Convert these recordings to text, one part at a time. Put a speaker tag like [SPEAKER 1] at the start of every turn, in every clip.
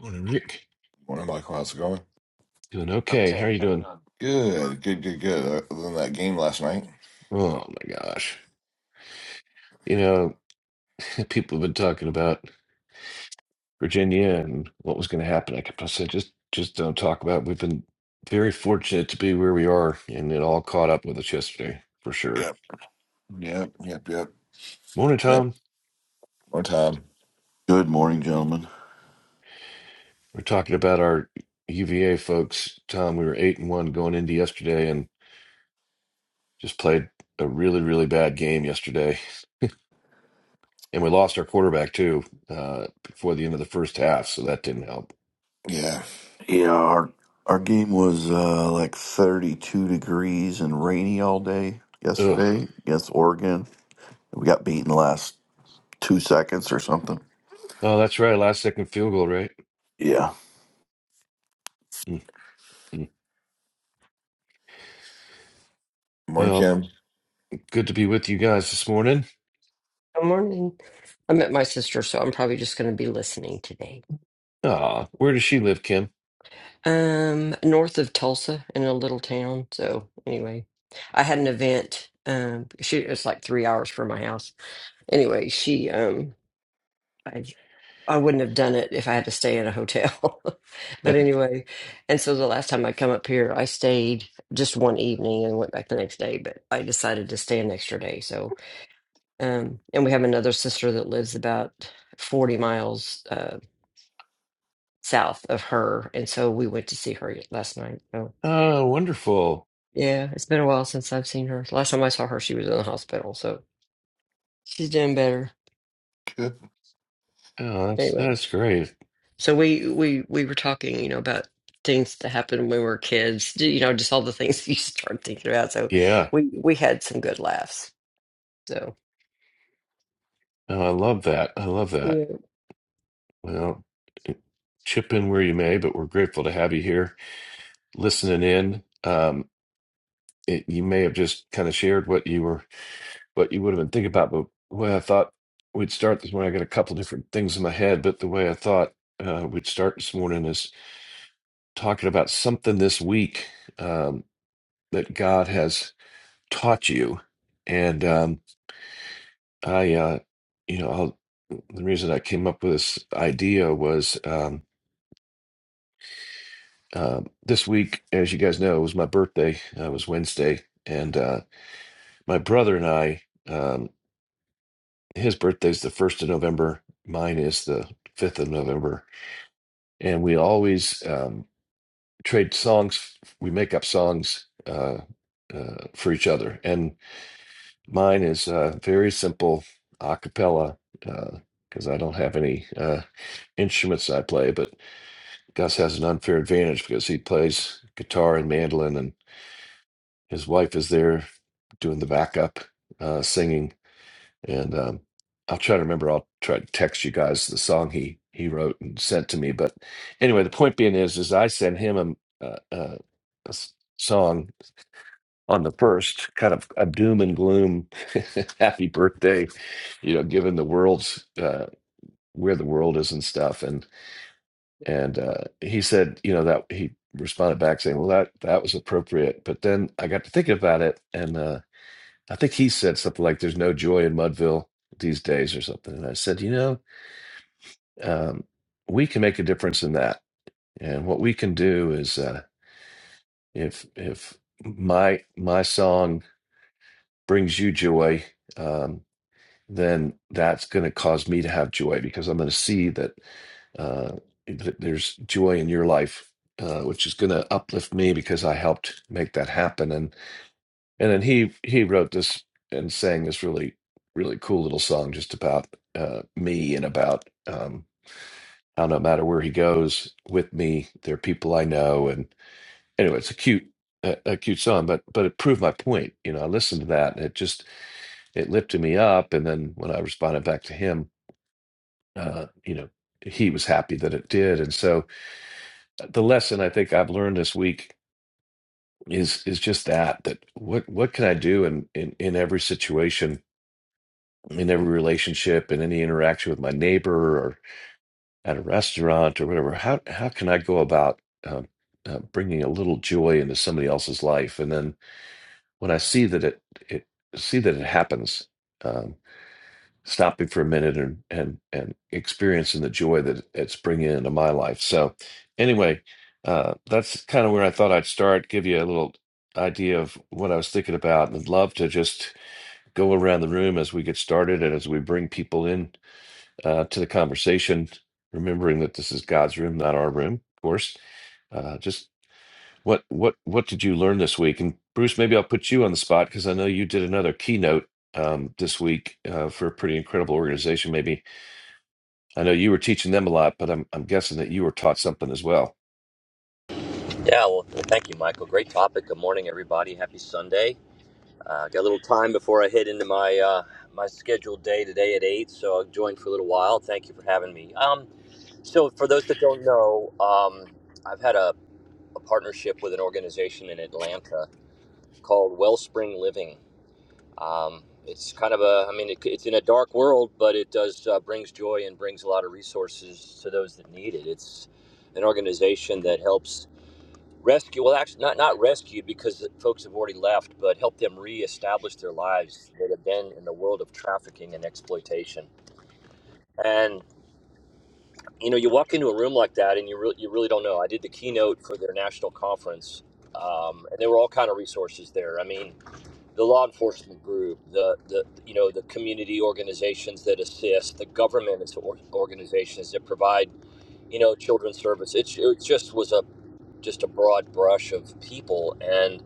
[SPEAKER 1] Morning, Rick.
[SPEAKER 2] Morning, Michael. How's it going?
[SPEAKER 1] Doing okay. How are you doing?
[SPEAKER 2] Good, good, good, good. Other than that game last night.
[SPEAKER 1] Oh my gosh. You know, people have been talking about Virginia and what was going to happen. I kept on saying, just just don't talk about. it." We've been very fortunate to be where we are, and it all caught up with us yesterday for sure.
[SPEAKER 2] Yep, yep, yep, yep.
[SPEAKER 1] Morning,
[SPEAKER 2] Yeah.
[SPEAKER 1] Tom.
[SPEAKER 2] More time.
[SPEAKER 3] Good morning, gentlemen.
[SPEAKER 1] We're talking about our UVA folks. Tom, we were eight and one going into yesterday, and just played a really really bad game yesterday, and we lost our quarterback too uh, before the end of the first half, so that didn't help.
[SPEAKER 2] Yeah.
[SPEAKER 3] Yeah, our our game was uh, like 32 degrees and rainy all day
[SPEAKER 1] Ugh.
[SPEAKER 3] yesterday against Oregon. We got beaten the last two seconds or something.
[SPEAKER 1] Oh, that's right. Last second field goal, right?
[SPEAKER 3] Yeah,
[SPEAKER 1] Mhm.
[SPEAKER 2] Morning,
[SPEAKER 1] Well,
[SPEAKER 2] Kim.
[SPEAKER 1] good to be with you guys this morning.
[SPEAKER 4] Good morning. I'm at my sister, so I'm probably just going to be listening today.
[SPEAKER 1] Ah, where does she live, Kim?
[SPEAKER 4] Um, north of Tulsa in a little town. So anyway, I had an event. Um, she it's like three hours from my house. Anyway, she um, I I wouldn't have done it if I had to stay at a hotel. but anyway, and so the last time I come up here, I stayed just one evening and went back the next day. But I decided to stay an extra day. So um, and we have another sister that lives about. 40 miles Uh, south of her, and so we went to see her last night. So
[SPEAKER 1] oh, wonderful.
[SPEAKER 4] yeah, it's been a while since I've seen her. Last time I saw her, she was in the hospital, so she's doing better.
[SPEAKER 2] Good.
[SPEAKER 1] Oh, that's
[SPEAKER 4] Anyway,
[SPEAKER 1] that's great.
[SPEAKER 4] so we we we were talking, you know, about things that happened when we were kids. d- You know, just all the things you start thinking about. So
[SPEAKER 1] Yeah.
[SPEAKER 4] we we had some good laughs. So
[SPEAKER 1] Oh, I love that. I love
[SPEAKER 4] yeah.
[SPEAKER 1] that. Well, eh, chip in where you may, but we're grateful to have you here listening in. Um, it, you may have just kind of shared what you were, what you would have been thinking about, but the way I thought we'd start this morning, I got a couple different things in my head, but the way I thought uh, we'd start this morning is talking about something this week um, that God has taught you, and um, I, uh, you know, I'll, the reason I came up with this idea was um, uh, this week, as you guys know, it was my birthday. Uh, it was Wednesday, and uh, my brother and I, um, his birthday's the first of November. Mine is the fifth of November, and we always um, trade songs. We make up songs uh, uh, for each other, and Mine is uh, very simple a cappella because I don't have any uh, instruments I play, but Gus has an unfair advantage because he plays guitar and mandolin, and his wife is there doing the backup uh, singing. And um, I'll try to remember, I'll try to text you guys the song he, he wrote and sent to me. But anyway, the point being is, is I sent him a, a, a, a s- song on the first, kind of a doom and gloom, happy birthday, you know, given the world's uh, where the world is and stuff. And and uh, he said, you know, that he responded back saying, well, that that was appropriate. But then I got to thinking about it, and uh, I think he said something like, "There's no joy in Mudville these days" or something. And I said, you know, um, we can make a difference in that. And what we can do is, uh, if if my my song brings you joy. Um, then that's going to cause me to have joy because I'm going to see that uh, th- there's joy in your life, uh, which is going to uplift me because I helped make that happen. And and then he he wrote this and sang this really really cool little song just about uh, me and about um, how no matter where he goes with me, there are people I know. And anyway, it's a cute. A a cute song, but but it proved my point. You know, I listened to that, and it just it lifted me up. And then when I responded back to him, uh, you know, he was happy that it did. And so uh, the lesson I think I've learned this week is is just that that what what can I do in in, in every situation, in every relationship, in any interaction with my neighbor or at a restaurant or whatever? How how can I go about um, uh, bringing a little joy into somebody else's life? And then when I see that it it see that it happens. um, stopping for a minute and and and experiencing the joy that it's bringing into my life. So, anyway, uh, that's kind of where I thought I'd start. Give you a little idea of what I was thinking about, and I'd love to just go around the room as we get started and as we bring people in uh, to the conversation. Remembering that this is God's room, not our room, of course. Uh, just what what what did you learn this week? And Bruce, maybe I'll put you on the spot because I know you did another keynote um, this week uh, for a pretty incredible organization. Maybe I know you were teaching them a lot, but I'm I'm guessing that you were taught something as well.
[SPEAKER 5] Yeah, well, thank you, Michael. Great topic. Good morning, everybody. Happy Sunday. Uh, got a little time before I head into my uh, my scheduled day today at eight, so I'll join for a little while. Thank you for having me. Um, so, for those that don't know, um, I've had a, a partnership with an organization in Atlanta called Wellspring Living. Um, it's kind of a, I mean, it, it's in a dark world, but it does uh, brings joy and brings a lot of resources to those that need it. It's an organization that helps rescue well actually not not rescue because the folks have already left but help them reestablish their lives that have been in the world of trafficking and exploitation and you know you walk into a room like that and you really you really don't know i did the keynote for their national conference um, and there were all kind of resources there i mean the law enforcement group the the you know the community organizations that assist the government as or- organizations that provide you know children's service it, it just was a just a broad brush of people and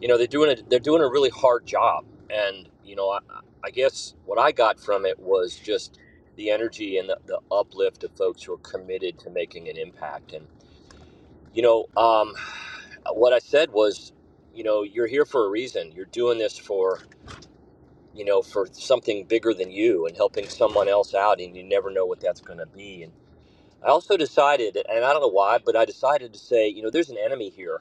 [SPEAKER 5] you know they're doing a they're doing a really hard job and you know i, I guess what i got from it was just the energy and the, the uplift of folks who are committed to making an impact and you know um, what i said was you know you're here for a reason you're doing this for you know for something bigger than you and helping someone else out and you never know what that's going to be and i also decided and i don't know why but i decided to say you know there's an enemy here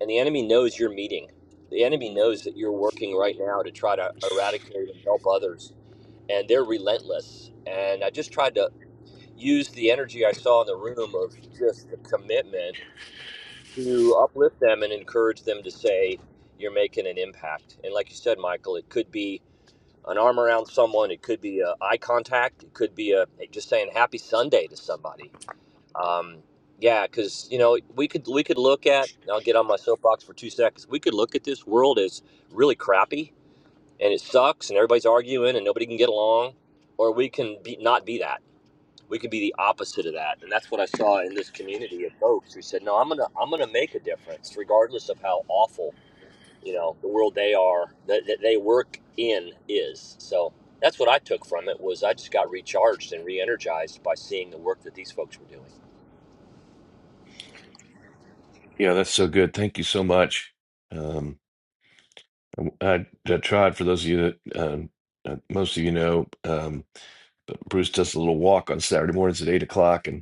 [SPEAKER 5] and the enemy knows you're meeting. The enemy knows that you're working right now to try to eradicate and help others. And they're relentless. And I just tried to use the energy I saw in the room of just the commitment to uplift them and encourage them to say, you're making an impact. And like you said, Michael, it could be an arm around someone, it could be a eye contact, it could be a just saying happy Sunday to somebody um, yeah, because you know we could we could look at. and I'll get on my soapbox for two seconds. We could look at this world as really crappy and it sucks and everybody's arguing and nobody can get along, or we can be not be that. We could be the opposite of that, and that's what I saw in this community of folks who said, "No, I'm gonna I'm gonna make a difference, regardless of how awful you know the world they are that, that they work in is." So that's what I took from it was I just got recharged and re-energized by seeing the work that these folks were doing.
[SPEAKER 1] Yeah, that's so good. Thank you so much. Um, I, I tried for those of you that um, uh, most of you know, um, Bruce does a little walk on Saturday mornings at eight o'clock, and.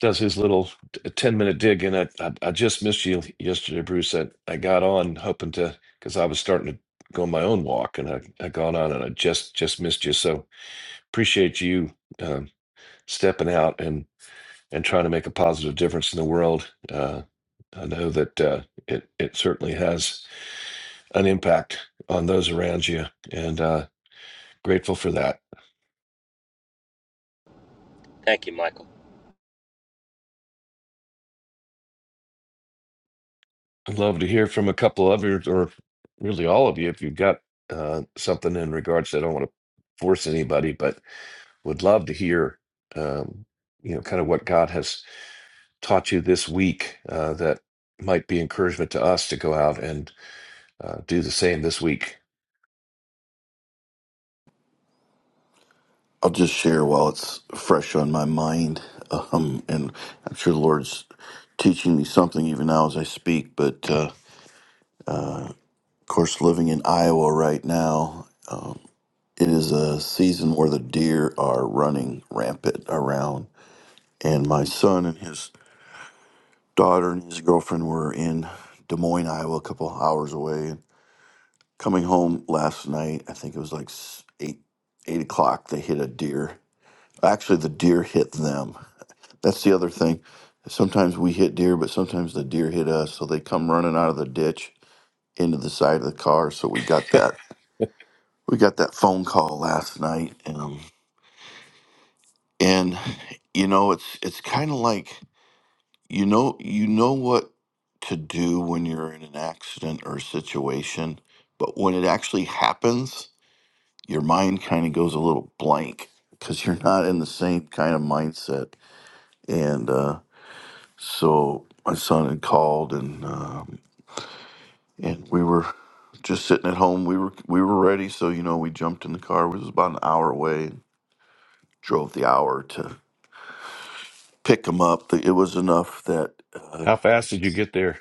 [SPEAKER 1] does his little ten minute dig, and I, I I just missed you yesterday, Bruce. I, I got on hoping to because I was starting to go my own walk, and I I got on and I just just missed you. So appreciate you um, stepping out and and trying to make a positive difference in the world. Uh, I know that uh, it it certainly has an impact on those around you, and uh, grateful for that.
[SPEAKER 5] Thank you, Michael.
[SPEAKER 1] I'd love to hear from a couple of you, or really all of you, if you've got uh, something in regards to, I don't want to force anybody, but would love to hear, um, you know, kind of what God has taught you this week uh, that might be encouragement to us to go out and uh, do the same this week.
[SPEAKER 3] I'll just share while it's fresh on my mind, um, and I'm sure the Lord's teaching me something even now as I speak. But uh, of course, living in Iowa right now, it is a season where the deer are running rampant around, and my son and his daughter and his girlfriend were in Des Moines, Iowa, a couple hours away. And Coming home last night, I think it was like s- eight eight o'clock. They hit a deer. Actually, the deer hit them. That's the other thing. Sometimes we hit deer, but sometimes the deer hit us. So they come running out of the ditch into the side of the car. So we got that we got that phone call last night, um, and you know it's it's kind of like You know, you know what to do when you're in an accident or situation, but when it actually happens, your mind kind of goes a little blank because you're not in the same kind of mindset. And uh, so my son had called, and um, and we were just sitting at home. We were we were ready, so you know we jumped in the car. It was about an hour away. Drove the hour to pick him up. It was enough that. uh,
[SPEAKER 1] How fast did you get there?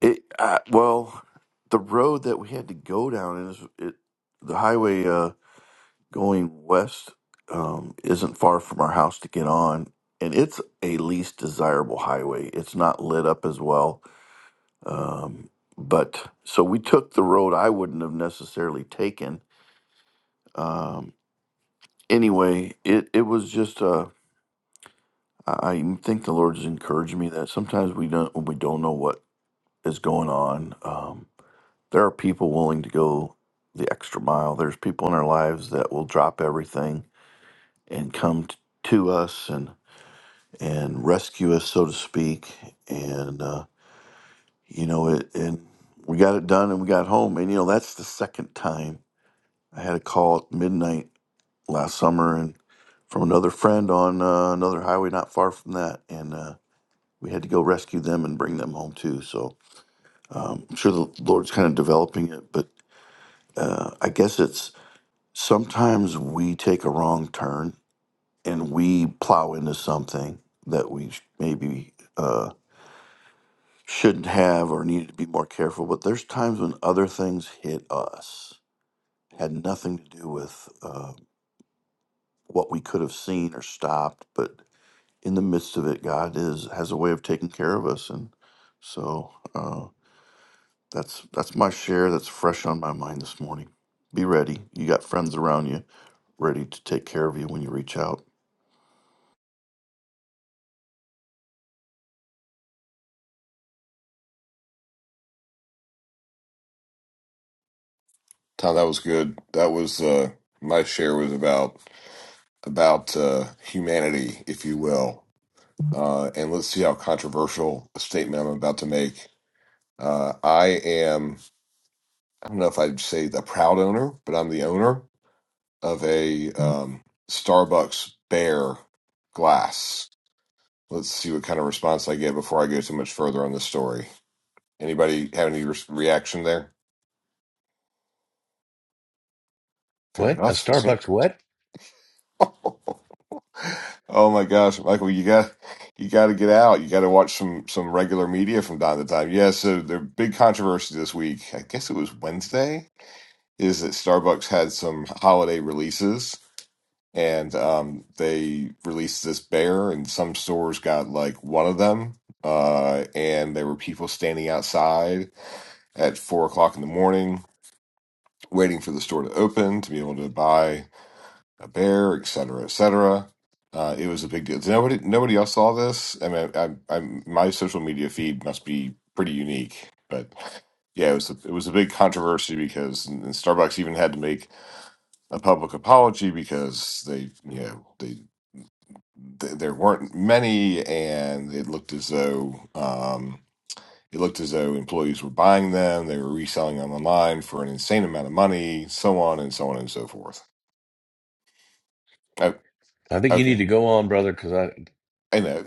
[SPEAKER 3] It uh, well, the road that we had to go down is it the highway uh, going west um, isn't far from our house to get on, and it's a least desirable highway. It's not lit up as well, um, but so we took the road I wouldn't have necessarily taken. Um, anyway, it it was just uh, I I think the Lord has encouraged me that sometimes we don't we don't know what is going on. Um, There are people willing to go the extra mile. There's people in our lives that will drop everything and come t- to us and and rescue us, so to speak. And uh, you know it. And we got it done, and we got home. And you know that's the second time I had a call at midnight last summer, and from another friend on uh, another highway not far from that, and uh, we had to go rescue them and bring them home too. So um, I'm sure the Lord's kind of developing it, but uh, I guess it's sometimes we take a wrong turn and we plow into something that we sh- maybe uh, shouldn't have or needed to be more careful. But there's times when other things hit us, had nothing to do with uh, what we could have seen or stopped. But in the midst of it, God is has a way of taking care of us, and so uh, that's that's my share. That's fresh on my mind this morning. Be ready. You got friends around you, ready to take care of you when you reach out.
[SPEAKER 2] Tom, that was good. That was uh my share was about about uh humanity, if you will. Uh and let's see how controversial a statement I'm about to make. Uh I am I don't know if I'd say the proud owner, but I'm the owner of a um Starbucks Bear glass Let's see what kind of response I get before I go too much further on this story. Anybody have any re- reaction there? Fair
[SPEAKER 1] What? A
[SPEAKER 2] enough. Okay.
[SPEAKER 1] Starbucks what?
[SPEAKER 2] Oh my gosh, Michael, you got you got to get out. You got to watch some some regular media from time to time. Yeah, so the big controversy this week, I guess it was Wednesday, is that Starbucks had some holiday releases and um they released this bear and some stores got like one of them. Uh and there were people standing outside at four o'clock in the morning waiting for the store to open to be able to buy a bear, et cetera, et cetera. Uh, it was a big deal. Nobody, nobody else saw this. I mean, I, I, my social media feed must be pretty unique, but yeah, it was a, it was a big controversy because and Starbucks even had to make a public apology because they, you know, they, th- there weren't many, and it looked as though um, it looked as though employees were buying them, they were reselling them online for an insane amount of money, so on and so on and so forth. Oh,
[SPEAKER 1] I think you need
[SPEAKER 2] okay.
[SPEAKER 1] to go on, brother, because I,
[SPEAKER 2] I know.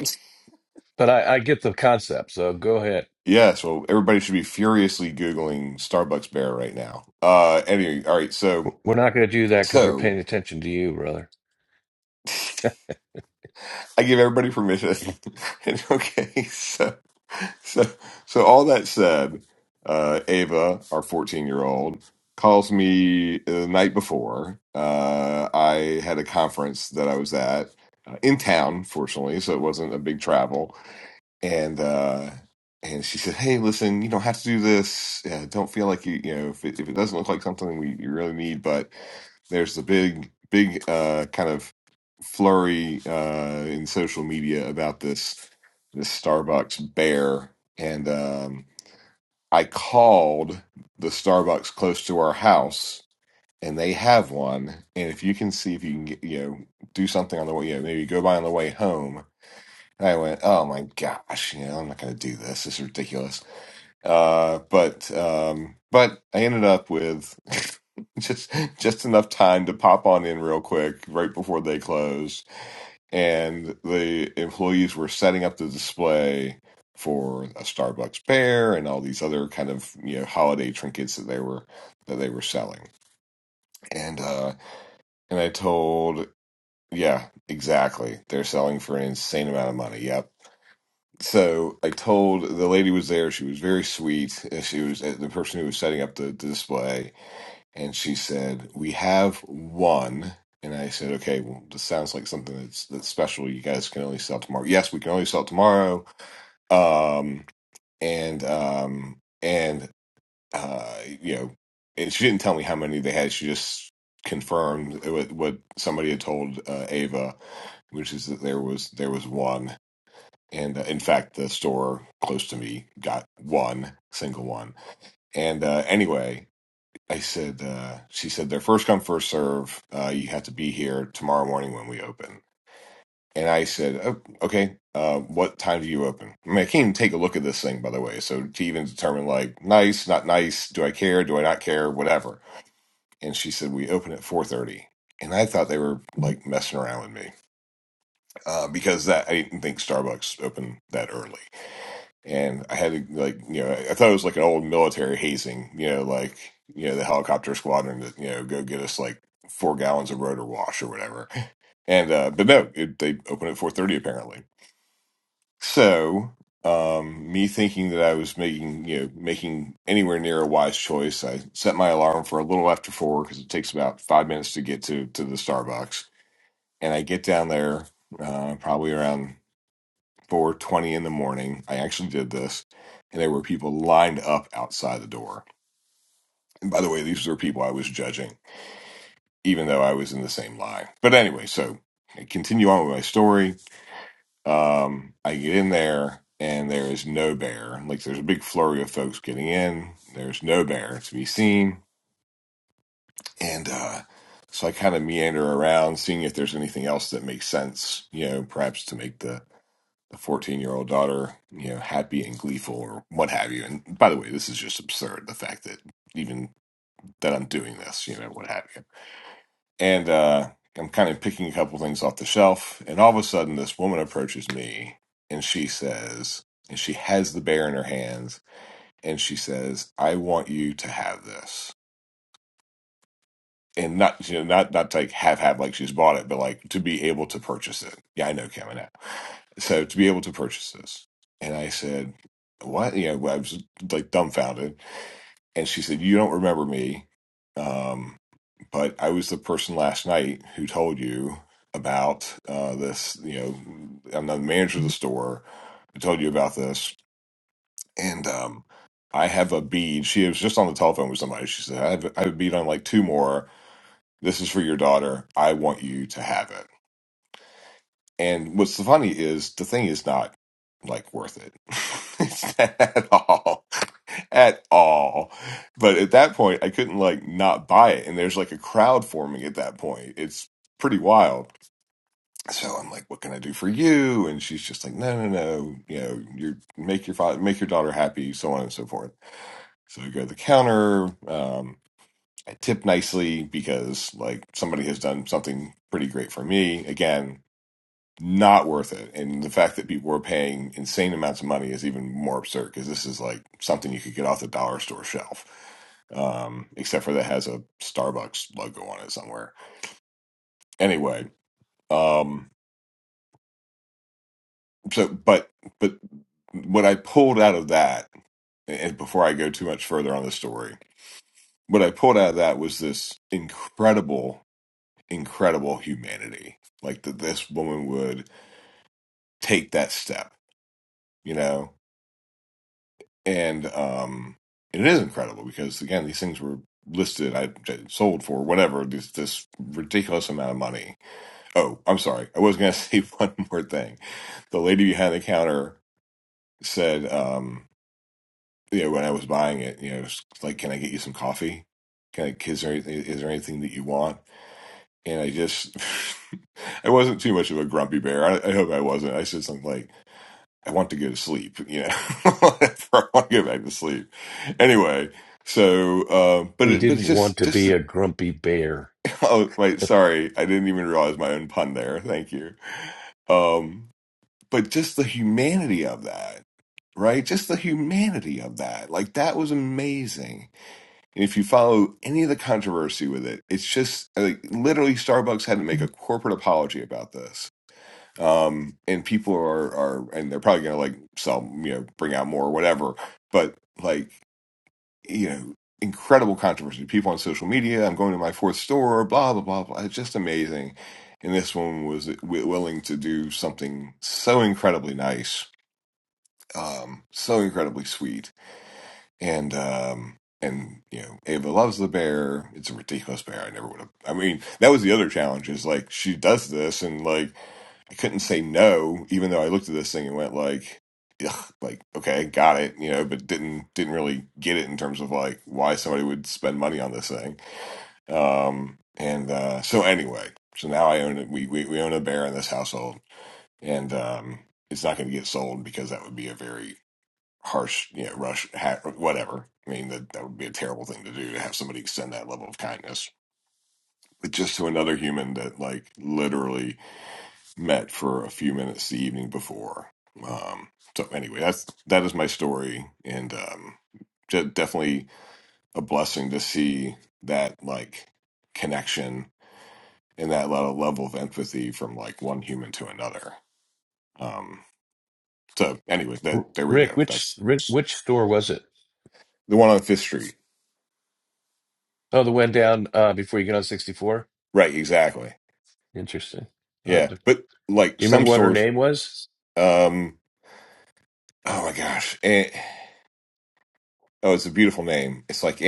[SPEAKER 1] but I, I get the concept. So go ahead.
[SPEAKER 2] Yeah, so everybody should be furiously Googling Starbucks bear right now. Uh anyway, all right, so
[SPEAKER 1] We're not going to do that because we're
[SPEAKER 2] so
[SPEAKER 1] paying attention to you, brother.
[SPEAKER 2] I give everybody permission. And, okay, so so so all that said, uh Ava, our 14 year old, calls me the night before. Uh I had a conference that I was at uh, in town, fortunately, so it wasn't a big travel and uh and she said hey listen you don't have to do this uh, don't feel like you you know if it, if it doesn't look like something we you really need but there's a big big uh kind of flurry uh in social media about this this starbucks bear and um i called the starbucks close to our house and they have one and if you can see if you can get you know do something on the way you know maybe go by on the way home I went, oh my gosh, you know, I'm not going to do this. This is ridiculous. Uh, but um, but I ended up with just just enough time to pop on in real quick right before they closed, and the employees were setting up the display for a Starbucks bear and all these other kind of you know holiday trinkets that they were that they were selling. And uh, and I told, yeah, exactly. They're selling for an insane amount of money. Yep so I told the lady was there. She was very sweet. and She was uh, the person who was setting up the, the display, and she said, "We have one." And I said, "Okay, well, this sounds like something that's that's special. You guys can only sell tomorrow. Yes, we can only sell tomorrow. Um, and um, and uh, you know, and she didn't tell me how many they had. She just confirmed what, what somebody had told uh, Ava, which is that there was there was one. And uh, in fact, the store close to me got one, single one. And uh, anyway, I said, uh, she said, they're first come, first serve. Uh, you have to be here tomorrow morning when we open. And I said, oh, okay, uh, what time do you open? I mean, I can't even take a look at this thing, by the way. So to even determine like nice, not nice, do I care, do I not care, whatever. And she said, we open at 4.30. And I thought they were like messing around with me uh, because that I didn't think Starbucks opened that early. and I had to like you know I thought it was like an old military hazing, you know, like you know the helicopter squadron that you know go get us like four gallons of rotor wash or whatever. And uh, but no, it, they open at four thirty apparently. So um, me thinking that I was making you know making anywhere near a wise choice, I set my alarm for a little after four because it takes about five minutes to get to to the Starbucks, and I get down there uh, probably around. 4:20 in the morning. I actually did this, and there were people lined up outside the door. And by the way, these were people I was judging, even though I was in the same line. But anyway, so I continue on with my story. Um, I get in there, and there is no bear. Like there's a big flurry of folks getting in. There's no bear to be seen, and uh, so I kind of meander around, seeing if there's anything else that makes sense. You know, perhaps to make the the 14 year old daughter, you know, happy and gleeful or what have you. And by the way, this is just absurd. The fact that even that I'm doing this, you know, what have you. And uh, I'm kind of picking a couple things off the shelf. And all of a sudden, this woman approaches me and she says, and she has the bear in her hands and she says, I want you to have this. and not you know, not not to like have have like she's bought it, but like to be able to purchase it. Yeah, I know, Cam, I know. So to be able to purchase this, and I said, "What?" You know, I was like dumbfounded, and she said, "You don't remember me, um, but I was the person last night who told you about uh, this. You know, I'm the manager of the store. I told you about this, and um, I have a bead. She was just on the telephone with somebody. She said, I have, I have a bead on like two more." This is for your daughter. I want you to have it. And what's so funny is the thing is not like worth it. it's not at all. At all. But at that point, I couldn't like not buy it. And there's like a crowd forming at that point. It's pretty wild. So I'm like, what can I do for you? And she's just like, no, no, no. You know, you make your father, make your daughter happy, so on and so forth. So we go to the counter. Um, I tip nicely because like somebody has done something pretty great for me. Again, not worth it. And the fact that people are paying insane amounts of money is even more absurd because this is like something you could get off the dollar store shelf. Um, except for that has a Starbucks logo on it somewhere. Anyway, um, so but but what I pulled out of that, and before I go too much further on the story, what I pulled out of that was this incredible incredible humanity like that this woman would take that step you know and um and it is incredible because again these things were listed i sold for whatever this this ridiculous amount of money oh i'm sorry i was gonna say one more thing the lady behind the counter said um you know when i was buying it you know it's like can i get you some coffee can i is there, is there anything that you want and i just I wasn't too much of a grumpy bear. I, I hope I wasn't. I said something like, I want to go to sleep, you know. I want to go back to sleep. Anyway, so uh, but
[SPEAKER 1] He
[SPEAKER 2] it, but it's
[SPEAKER 1] didn't want
[SPEAKER 2] just
[SPEAKER 1] to be
[SPEAKER 2] just
[SPEAKER 1] a grumpy bear.
[SPEAKER 2] oh wait, sorry, I didn't even realize my own pun there. Thank you. Um, but just the humanity of that, right? Just the humanity of that, like that was amazing. And if you follow any of the controversy with it, it's just like literally Starbucks had to make a corporate apology about this um and people are are and they're probably gonna like sell you know bring out more or whatever but like you know incredible controversy people on social media i'm going to my fourth store blah blah blah blah it's just amazing and this one was w- willing to do something so incredibly nice um so incredibly sweet and um and you know ava loves the bear it's a ridiculous bear i never would have i mean that was the other challenge is like she does this and like I couldn't say no, even though I looked at this thing and went like, Ugh, like okay, got it, you know, but didn't didn't really get it in terms of like why somebody would spend money on this thing. Um, and uh, so anyway, so now I own it. We, we we own a bear in this household, and um, it's not going to get sold because that would be a very harsh, you know, rush ha- whatever. I mean, that that would be a terrible thing to do to have somebody extend that level of kindness. But just to another human that like literally met for a few minutes the evening before. Um, so anyway, that's that is my story, and um, de- definitely a blessing to see that like connection and that lot of level of empathy from like one human to another. Um, so anyway,
[SPEAKER 1] R-
[SPEAKER 2] that there we
[SPEAKER 1] Rick,
[SPEAKER 2] go.
[SPEAKER 1] which
[SPEAKER 2] That's
[SPEAKER 1] Rick, which store was it?
[SPEAKER 2] the one on Fifth Street,
[SPEAKER 1] Oh, the one down uh, before you get on 64?
[SPEAKER 2] right? Exactly.
[SPEAKER 1] Interesting. I'll have
[SPEAKER 2] Yeah,
[SPEAKER 1] to-
[SPEAKER 2] but like
[SPEAKER 1] do you
[SPEAKER 2] some
[SPEAKER 1] remember what her
[SPEAKER 2] stores.
[SPEAKER 1] name was?
[SPEAKER 2] Um, oh my gosh, and, oh, it's a beautiful name. It's like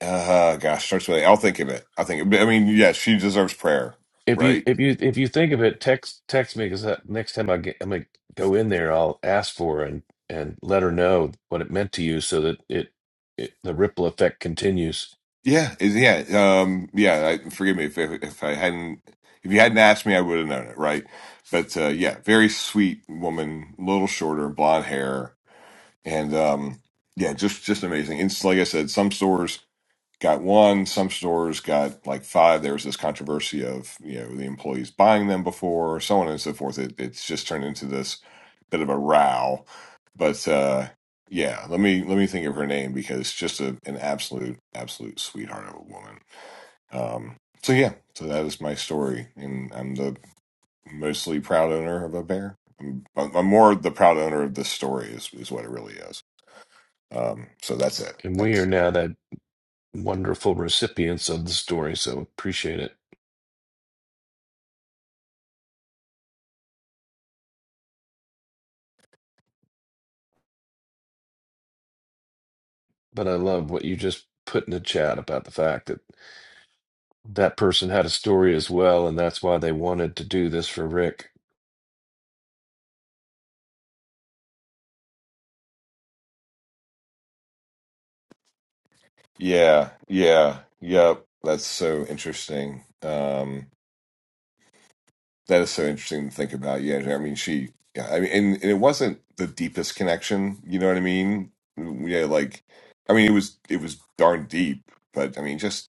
[SPEAKER 2] Uh, gosh, starts with. A. I'll think of it. I think. I mean, yeah, she deserves prayer,
[SPEAKER 1] If you
[SPEAKER 2] right?
[SPEAKER 1] if you if you think of it, text text me because next time I get I'm gonna go in there, I'll ask for her and and let her know what it meant to you, so that it, it the ripple effect continues.
[SPEAKER 2] Yeah, is yeah, um, yeah. I, forgive me if if if I hadn't if you hadn't asked me, I would have known it, right? But uh, yeah, very sweet woman, little shorter, blonde hair, and um, yeah, just just amazing. And It's like I said, some stores got one. Some stores got like five. There was this controversy of you know the employees buying them before, so on and so forth. It, it's just turned into this bit of a row. But uh, yeah, let me let me think of her name because just a, an absolute absolute sweetheart of a woman. Um, so yeah, so that is my story, and I'm the mostly proud owner of a bear. I'm, I'm more the proud owner of this story is is what it really is. Um, so that's it.
[SPEAKER 1] And we
[SPEAKER 2] Thanks.
[SPEAKER 1] are now that wonderful recipients of the story, so appreciate it. But I love what you just put in the chat about the fact that that person had a story as well, and that's why they wanted to do this for Rick.
[SPEAKER 2] Yeah, yeah, yep. That's so interesting. Um, that is so interesting to think about. Yeah, I mean, she, yeah, I mean, and, and it wasn't the deepest connection. You know what I mean? Yeah, like, I mean, it was it was darn deep, but I mean, just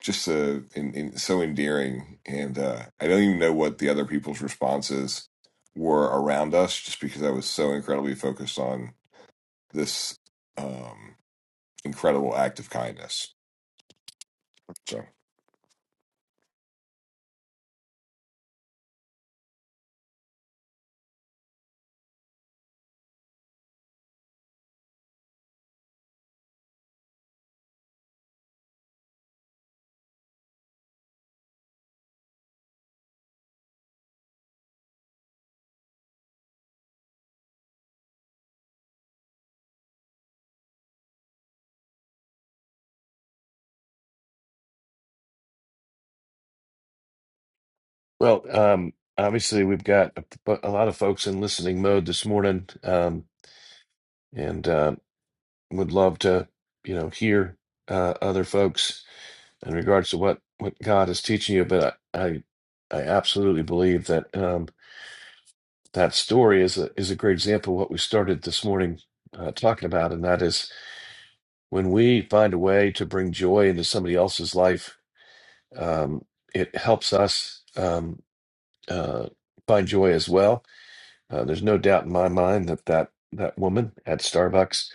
[SPEAKER 2] just uh, in, in, so endearing. And uh, I don't even know what the other people's responses were around us, just because I was so incredibly focused on this um, incredible act of kindness. So.
[SPEAKER 1] Well, um, obviously, we've got a, bu- a lot of folks in listening mode this morning, um, and uh, would love to, you know, hear uh, other folks in regards to what what God is teaching you. But I, I, I absolutely believe that um, that story is a is a great example of what we started this morning uh, talking about, and that is when we find a way to bring joy into somebody else's life, um, it helps us um, uh, find joy as well Uh, there's no doubt in my mind that that, that woman at Starbucks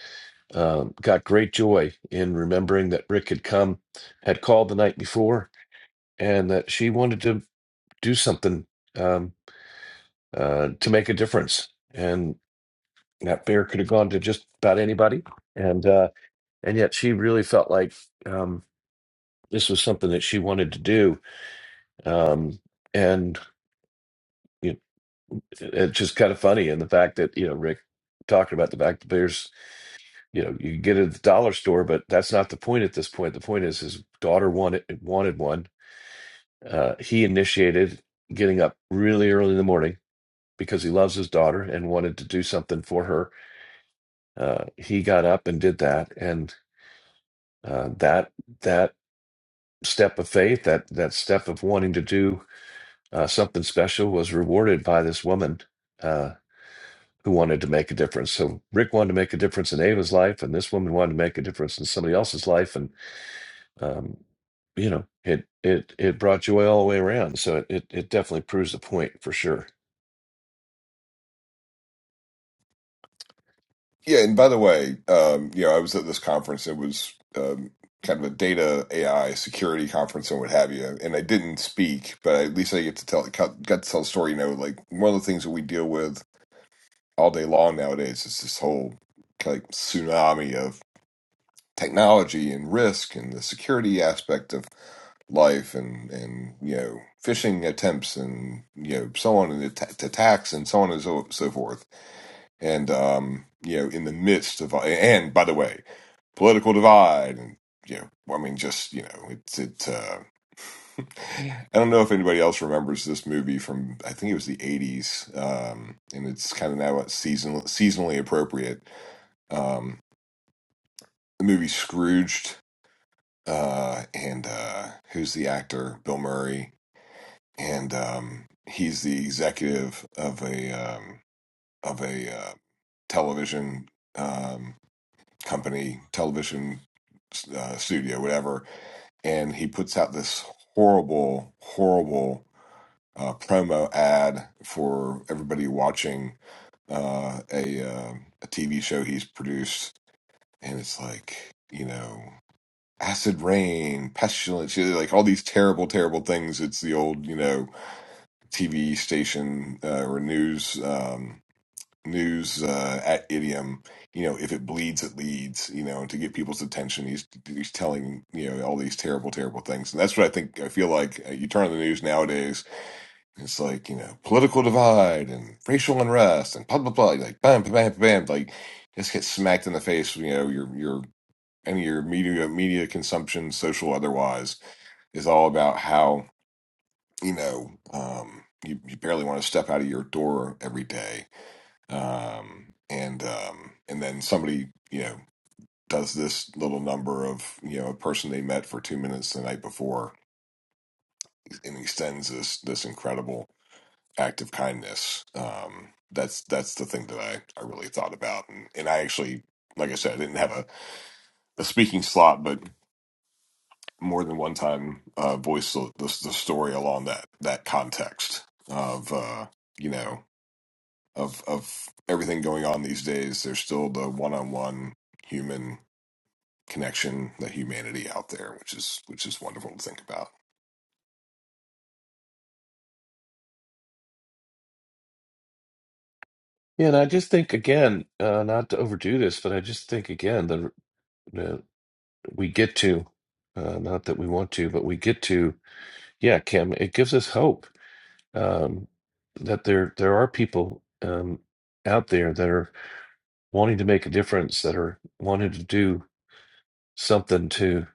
[SPEAKER 1] um, got great joy in remembering that Rick had come, had called the night before, and that she wanted to do something um, uh, to make a difference. And that bear could have gone to just about anybody, and uh, and yet she really felt like um, this was something that she wanted to do. Um, and you know, it- it's just kind of funny, and the fact that you know Rick talking about the fact that bears you know you get it at the dollar store but that's not the point at this point the point is his daughter wanted wanted one uh, he initiated getting up really early in the morning because he loves his daughter and wanted to do something for her uh, he got up and did that and uh, that that step of faith that that step of wanting to do uh, something special was rewarded by this woman uh, who wanted to make a difference so rick wanted to make a difference in ava's life and this woman wanted to make a difference in somebody else's life and um, you know, it it it brought joy all the way around. So it it, it definitely proves the point for sure.
[SPEAKER 2] Yeah, and by the way, um, you know, I was at this conference. It was um, kind of a data AI security conference and what have you. And I didn't speak, but at least I get to tell got got to tell a story. You know, like one of the things that we deal with all day long nowadays is this whole kind of tsunami of technology and risk and the security aspect of life and and you know phishing attempts and you know so on and att- attacks and so on and so so forth and um, you know, in the midst of and by the way, political divide and you know, I mean, just you know, it's it. Uh, I don't know if anybody else remembers this movie from I think it was the '80s, um, and it's kind of now a season seasonally appropriate. Um, the movie Scrooged, uh, and uh, who's the actor? Bill Murray, and um, he's the executive of a um, of a uh, television. um, company, television uh, studio, whatever, and he puts out this horrible, horrible uh, promo ad for everybody watching uh, a uh, a TV show he's produced, and it's like you know. Acid rain, pestilence, you know, like all these terrible, terrible things. It's the old, you know, TV station uh, or news. um, news uh, at idiom you know if it bleeds it leads you know to get people's attention he's he's telling you know all these terrible terrible things and that's what i think i feel like uh, you turn on the news nowadays it's like you know political divide and racial unrest and blah blah blah like bam bam bam bam like just get smacked in the face you know your your any of your media media consumption social otherwise is all about how you know um you, you barely want to step out of your door every day um, and um, and then somebody you know does this little number of you know a person they met for two minutes the night before, and extends this this incredible act of kindness. Um, that's that's the thing that I I really thought about, and and I actually like I said I didn't have a, a speaking slot, but more than one time uh, voiced the, the, the story along that that context of uh, you know of of everything going on these days. There's still the one on one human connection, the humanity out there, which is which is wonderful to think about.
[SPEAKER 1] Yeah, and I just think again, uh, not to overdo this, but I just think again that uh, we get to, uh, not that we want to, but we get to. Yeah, Kim, it gives us hope um, that there there are people um, out there that are wanting to make a difference, that are wanting to do something to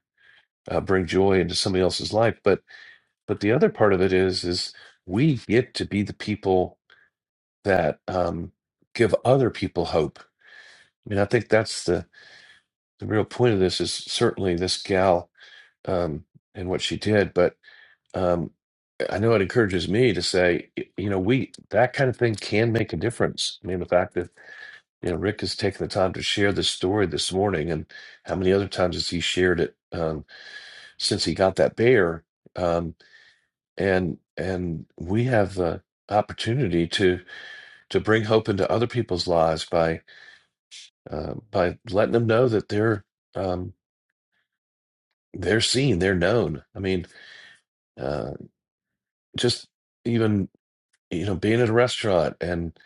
[SPEAKER 1] uh, bring joy into somebody else's life. But but the other part of it is is we get to be the people that um, give other people hope i mean i think that's the, the real point of this is certainly this gal um, and what she did but um, i know it encourages me to say y- you know we that kind of thing can make a difference i mean the fact that you know rick has taken the time to share this story this morning and how many other times has he shared it um, since he got that bear Um, and and we have the opportunity to to bring hope into other people's lives by uh, by letting them know that they're um, they're seen, they're known. I mean, uh, just even you know being at a restaurant and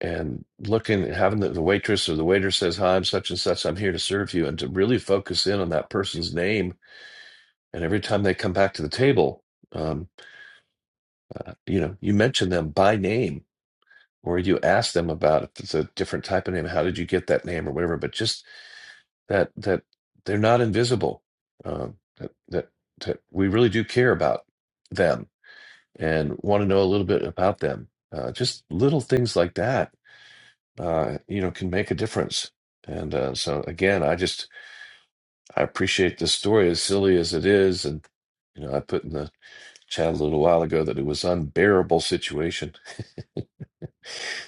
[SPEAKER 1] and looking having the, the waitress or the waiter says hi i'm such and such i'm here to serve you and to really focus in on that person's name and every time they come back to the table um, uh, you know you mention them by name or you ask them about if it's a different type of name, how did you get that name or whatever. But just that that they're not invisible. Um, that, that that we really do care about them and want to know a little bit about them. Uh, just little things like that, uh, you know, can make a difference. And uh, so again, I just I appreciate this story as silly as it is, and you know, I put in the chat a little while ago that it was unbearable situation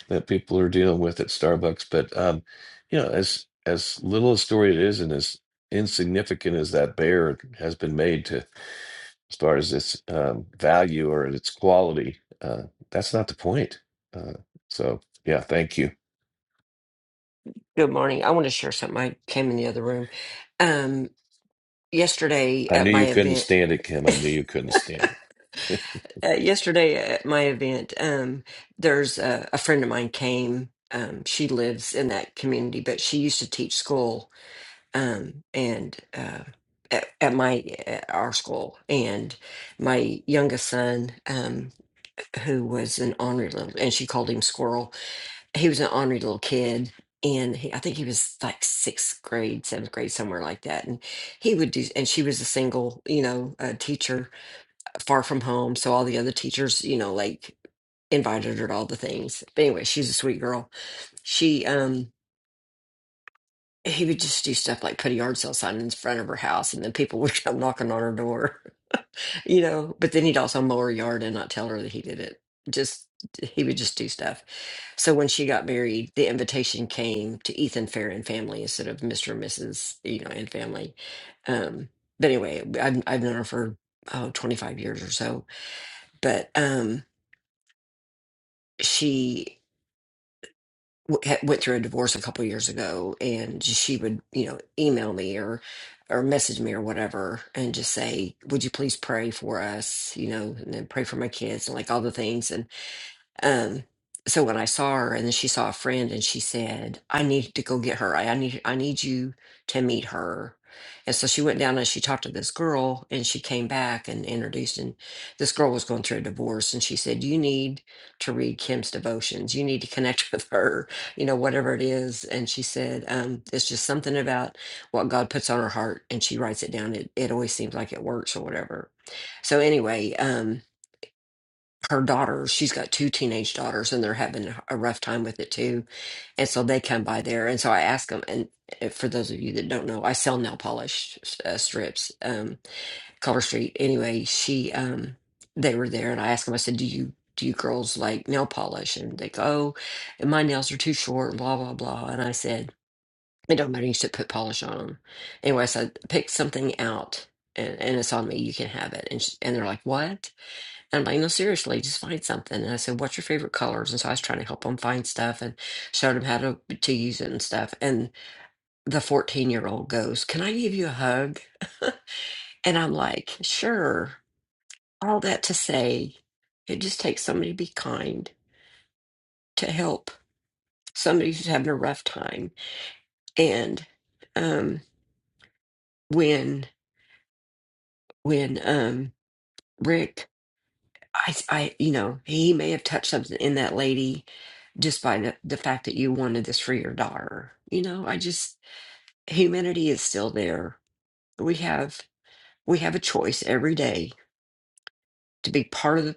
[SPEAKER 1] that people are dealing with at Starbucks. But um, you know, as as little a story it is, and as insignificant as that bear has been made to as far as its um, value or its quality, uh, that's not the point. Uh, so yeah, thank you.
[SPEAKER 4] Good morning. I want to share something. I came in the other room um yesterday
[SPEAKER 1] I
[SPEAKER 4] at
[SPEAKER 1] knew
[SPEAKER 4] my
[SPEAKER 1] you couldn't
[SPEAKER 4] event.
[SPEAKER 1] stand it, Kim. I knew you couldn't stand it.
[SPEAKER 4] uh, yesterday at my event, um, there's a, a friend of mine came. Um, she lives in that community, but she used to teach school um, and uh, at, at my at our school. And my youngest son, um, who was an ornery little, and she called him Squirrel. He was an ornery little kid, and he, I think he was like sixth grade, seventh grade, somewhere like that. And he would do, and she was a single, you know, uh, teacher, far from home. So all the other teachers, you know, like invited her to all the things. But anyway, she's a sweet girl. She um he would just do stuff like put a yard sale sign in front of her house and then people would come knocking on her door, you know. But then he'd also mow her yard and not tell her that he did it. Just he would just do stuff. So when she got married, the invitation came to Ethan Fair and family instead of Mr. and Mrs. you know, and family. Um but anyway, I've I've known her for oh 25 years or so. But um she w- ha- went through a divorce a couple years ago and she would you know email me or or message me or whatever and just say would you please pray for us you know and then pray for my kids and like all the things um, so when I saw her and then she saw a friend and she said, I need to go get her. I, I need I need you to meet her. And so she went down and she talked to this girl and she came back and introduced and this girl was going through a divorce and she said, You need to read Kim's devotions. You need to connect with her, you know, whatever it is. And she said, um, it's just something about what God puts on her heart and she writes it down. It it always seems like it works or whatever. So anyway, um her daughters, she's got two teenage daughters and they're having a rough time with it too. And so they come by there. And so I ask them, and uh, for those of you that don't know, I sell nail polish uh, strips, um, Color Street. Anyway, she, um, they were there and I asked them, I said, do you, do you girls like nail polish? And they go, oh, my nails are too short, blah, blah, blah. And I said, it don't matter. You should put polish on them. Anyway, I said, pick something out and, and it's on me. You can have it. And, she, and they're like, what? And I'm like, no, seriously, just find something. And I said, what's your favorite colors? And so I was trying to help them find stuff and showed them how to, to use it and stuff. And the 14 year old goes, can I give you a hug? And I'm like, sure. All that to say, it just takes somebody to be kind, to help somebody who's having a rough time. And um, when, when um, Rick, I, I, you know, he may have touched something in that lady just by the, the fact that you wanted this for your daughter. You know, I just humanity is still there. We have we have a choice every day to be part of the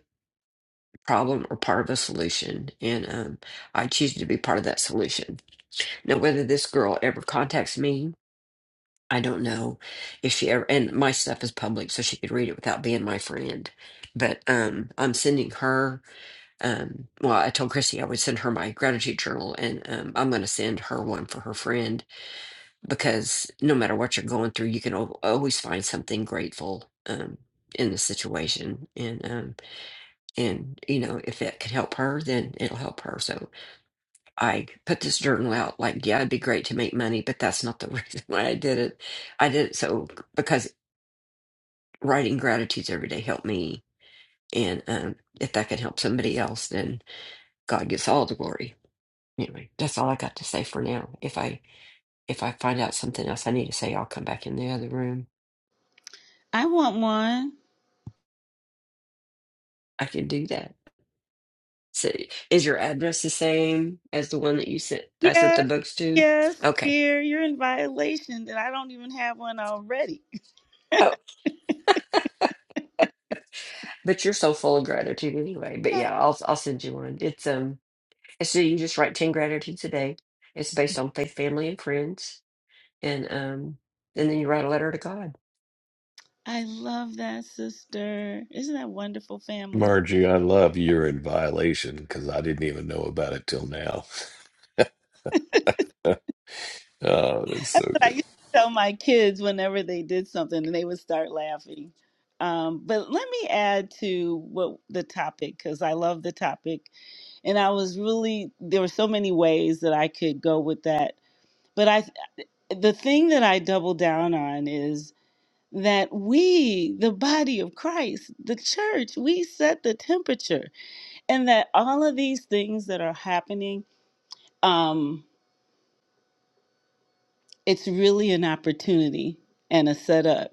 [SPEAKER 4] problem or part of a solution. And um, I choose to be part of that solution. Now whether this girl ever contacts me, I don't know if she ever and my stuff is public so she could read it without being my friend. But um I'm sending her um well I told Christy I would send her my gratitude journal and um I'm gonna send her one for her friend because no matter what you're going through, you can al always find something grateful um, in the situation, and um, and you know if it could help her, then it'll help her. So I put this journal out. Like, yeah, it'd be great to make money, but that's not the reason why I did it. I did it so because writing gratitudes every day helped me, and um, if that can help somebody else, then God gets all the glory. Anyway, that's all I got to say for now. If I if I find out something else I need to say, I'll come back in the other room.
[SPEAKER 6] I want one.
[SPEAKER 4] I can do that. So is your address the same as the one that you sent I sent the
[SPEAKER 6] Yes,
[SPEAKER 4] books to?
[SPEAKER 6] yes,
[SPEAKER 4] Okay.
[SPEAKER 6] dear. You're in violation that I don't even have one already.
[SPEAKER 4] Oh, But you're so full of gratitude anyway. But yeah, I'll I'll send you one. It's um So you just write 10 gratitudes a day. It's based on faith, family, and friends. And um and then you write a letter to God.
[SPEAKER 6] I love that, sister. Isn't that wonderful family?
[SPEAKER 1] Margie, I love you're in violation because I didn't even know about it till now. Oh, that's so
[SPEAKER 6] But I
[SPEAKER 1] good.
[SPEAKER 6] used to tell my kids whenever they did something and they would start laughing. Um, but let me add to what the topic, because I love the topic. And I was really, there were so many ways that I could go with that. But I, the thing that I double down on is that we, the body of Christ, the church, we set the temperature, and that all of these things that are happening, um, it's really an opportunity and a setup.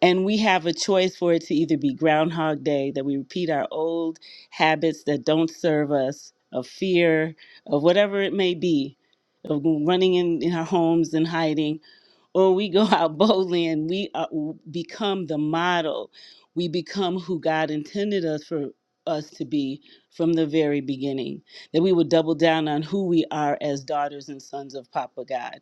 [SPEAKER 6] And we have a choice for it to either be Groundhog Day, that we repeat our old habits that don't serve us, of fear, of whatever it may be, of running in, in our homes and hiding, when we go out boldly and we are, become the model, we become who God intended us for us to be from the very beginning. That we would double down on who we are as daughters and sons of Papa God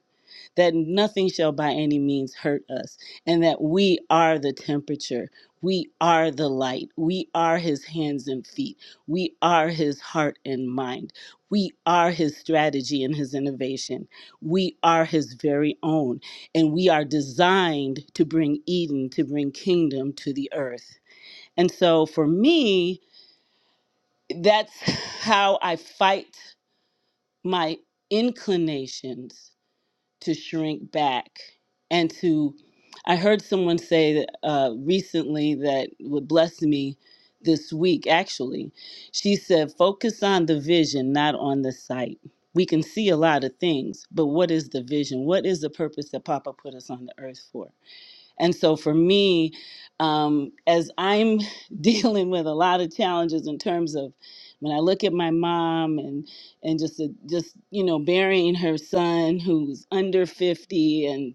[SPEAKER 6] that nothing shall by any means hurt us, and that we are the temperature. We are the light. We are his hands and feet. We are his heart and mind. We are his strategy and his innovation. We are his very own. And we are designed to bring Eden, to bring kingdom to the earth. And so for me, that's how I fight my inclinations to shrink back and to i heard someone say that, uh, recently that would bless me this week actually she said focus on the vision not on the sight we can see a lot of things but what is the vision what is the purpose that papa put us on the earth for and so for me, um, as I'm dealing with a lot of challenges in terms of when I look at my mom and and just the- just you know burying her son who's under 50 and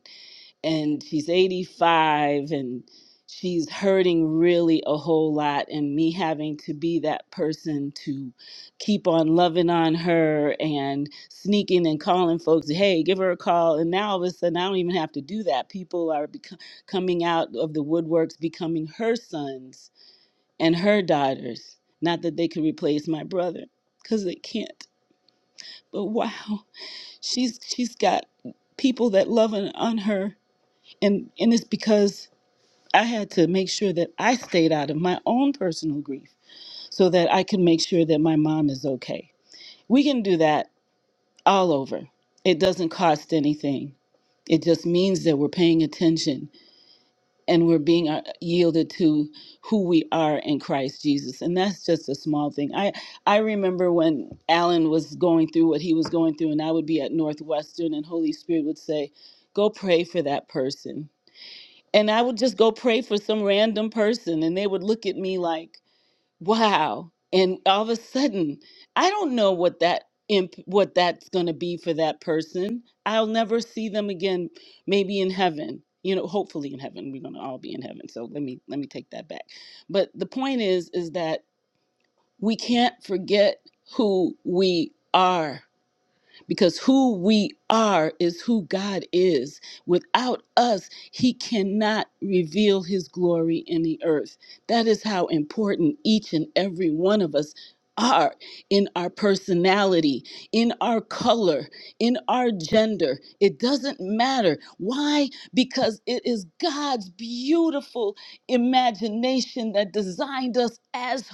[SPEAKER 6] and she's 85 and she's hurting really a whole lot and me having to be that person to keep on loving on her and sneaking and calling folks hey give her a call and now all of a sudden i don't even have to do that people are bec- coming out of the woodworks becoming her sons and her daughters not that they could replace my brother because they can't but wow she's she's got people that love on on her and and it's because I had to make sure that I stayed out of my own personal grief so that I could make sure that my mom is okay. We can do that all over. It doesn't cost anything. It just means that we're paying attention and we're being uh, yielded to who we are in Christ Jesus. And that's just a small thing. I, I remember when Alan was going through what he was going through, and I would be at Northwestern, and Holy Spirit would say, Go pray for that person and I would just go pray for some random person, and they would look at me like, "Wow!" And all of a sudden, I don't know what that imp- what that's going to be for that person. I'll never see them again. Maybe in heaven, you know. Hopefully, in heaven, we're going to all be in heaven. So let me let me take that back. But the point is, is that we can't forget who we are because who we are is who God is. Without us, He cannot reveal His glory in the earth. That is how important each and every one of us are in our personality, in our color, in our gender. It doesn't matter. Why? Because it is God's beautiful imagination that designed us as,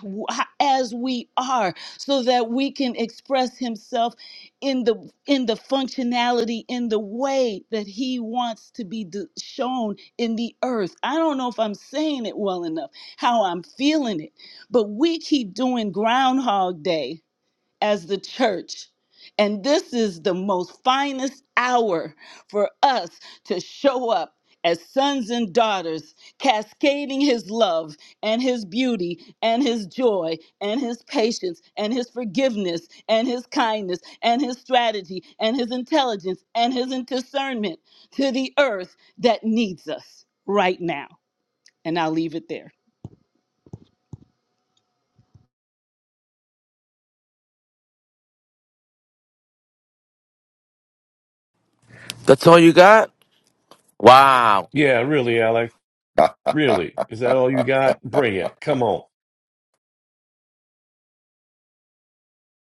[SPEAKER 6] as we are so that we can express Himself in the in the functionality in the way that he wants to be d- shown in the earth i don't know if i'm saying it well enough how i'm feeling it but we keep doing groundhog day as the church. And this is the most finest hour for us to show up as sons and daughters, cascading his love and his beauty and his joy and his patience and his forgiveness and his kindness and his strategy and his intelligence and his discernment to the earth that needs us right now. And I'll leave it there.
[SPEAKER 7] That's all you got? Wow.
[SPEAKER 1] Yeah, really, Alex. Really. Is that all you got? Bring it. Come on.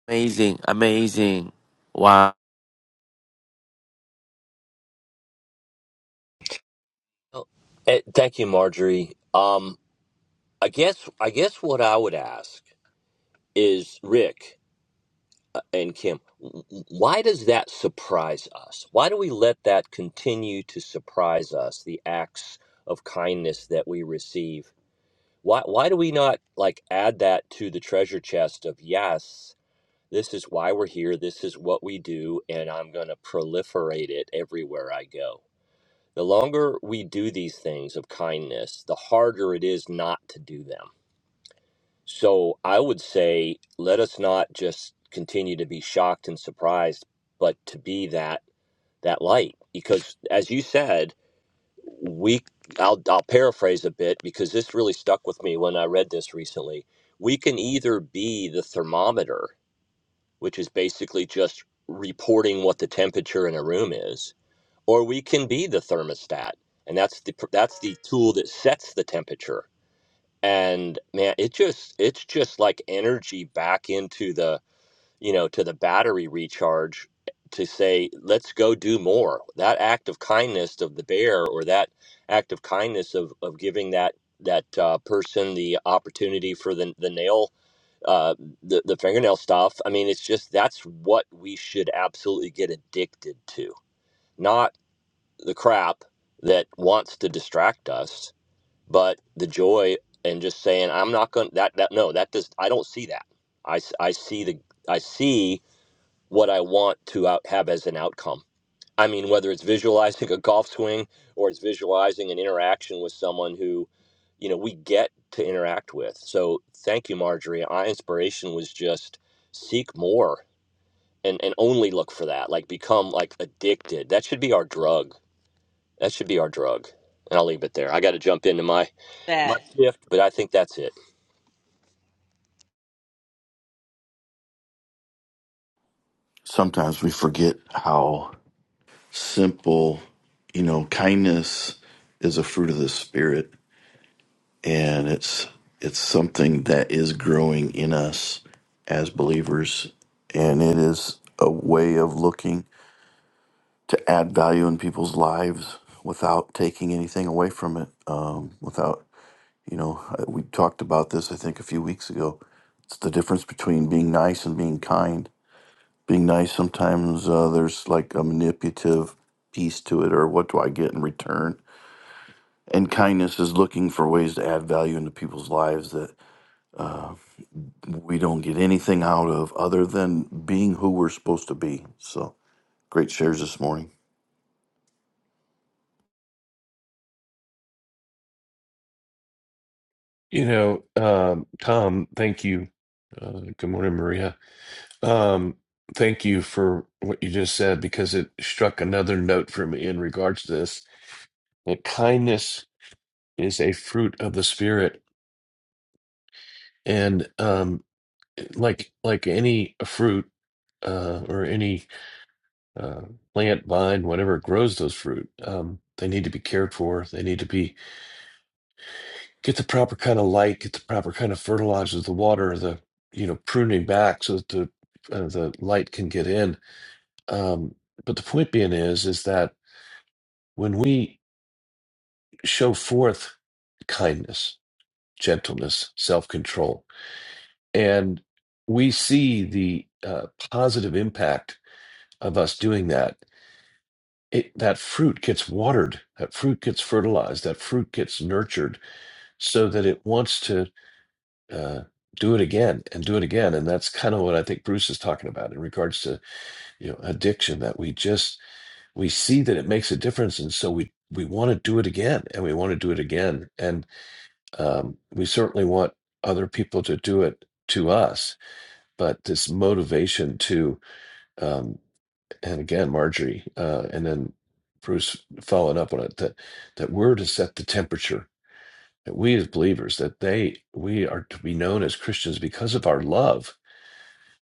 [SPEAKER 7] Amazing. Amazing. Wow.
[SPEAKER 5] Oh, Eh, Thank you, Marjorie. Um, I guess I guess what I would ask is Rick uh, and Kim, w- w- why does that surprise us? Why do we let that continue to surprise us? The acts of kindness that we receive. Why why do we not like add that to the treasure chest of yes? This is why we're here. This is what we do, and I'm going to proliferate it everywhere I go. The longer we do these things of kindness, the harder it is not to do them. So I would say, let us not just continue to be shocked and surprised, but to be that that light. Because as you said, we I'll, I'll paraphrase a bit because this really stuck with me when I read this recently. We can either be the thermometer, which is basically just reporting what the temperature in a room is, or we can be the thermostat and that's the that's the tool that sets the temperature and man it just it's just like energy back into the you know to the battery recharge eh, to say let's go do more that act of kindness of the bear or that act of kindness of of giving that that uh, person the opportunity for the the nail uh the, the fingernail stuff i mean it's just that's what we should absolutely get addicted to not the crap that wants to distract us, but the joy and just saying, I'm not going to that, that, no, that does, I don't see that. I, s- I see the, I see what I want to out, have as an outcome. I mean, whether it's visualizing a golf swing or it's visualizing an interaction with someone who, you know, we get to interact with. So thank you, Marjorie. My inspiration was just seek more and, and only look for that, like become like addicted. That should be our drug that should be our drug. And I'll leave it there. I got to jump into my my
[SPEAKER 6] That.
[SPEAKER 5] shift, but I think that's it.
[SPEAKER 3] sometimes we forget how simple, you know, kindness is a fruit of the spirit and it's it's something that is growing in us as believers and it is a way of looking to add value in people's lives without taking anything away from it um, without you know we talked about this i think a few weeks ago it's the difference between being nice and being kind being nice sometimes uh, there's like a manipulative piece to it or what do i get in return and kindness is looking for ways to add value into people's lives that we don't get anything out of other than being who we're supposed to be so great shares this morning
[SPEAKER 1] You know, um, Tom, thank you. Uh, good morning, Maria. Um, thank you for what you just said because it struck another note for me in regards to this. That kindness is a fruit of the spirit, and um, like like any fruit uh, or any uh, plant, vine, whatever grows those fruit, um, they need to be cared for. They need to be get the proper kind of light, get the proper kind of fertilizers, the water, the you know pruning back so that the uh, the light can get in. Um, but the point being is is that When we show forth kindness, gentleness, self control, and we see the uh, positive impact of us doing that, it, that fruit gets watered, that fruit gets fertilized, that fruit gets nurtured so that it wants to uh, do it again and do it again. And that's kind of what I think Bruce is talking about in regards to you know addiction that we just we see that it makes a difference and so we we want to do it again and we want to do it again and. um, we certainly want other people to do it to us but this motivation to um, and again marjorie uh, and then bruce following up on it that that we're to set the temperature that we as believers that they we are to be known as christians because of our love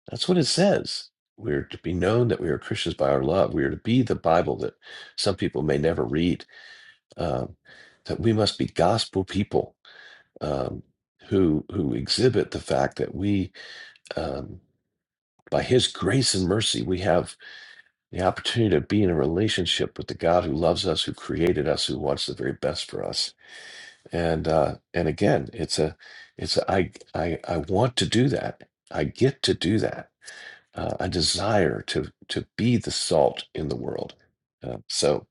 [SPEAKER 1] that's what it says we're to be known that we are christians by our love we are to be the bible that some people may never read um, that we must be gospel people um, who who exhibit the fact that we, um, by His grace and mercy, we have the opportunity to be in a relationship with the God who loves us, who created us, who wants the very best for us. And uh, and again, it's a it's a, I I I want to do that. I get to do that. Uh, I desire to to be the salt in the world. Uh, so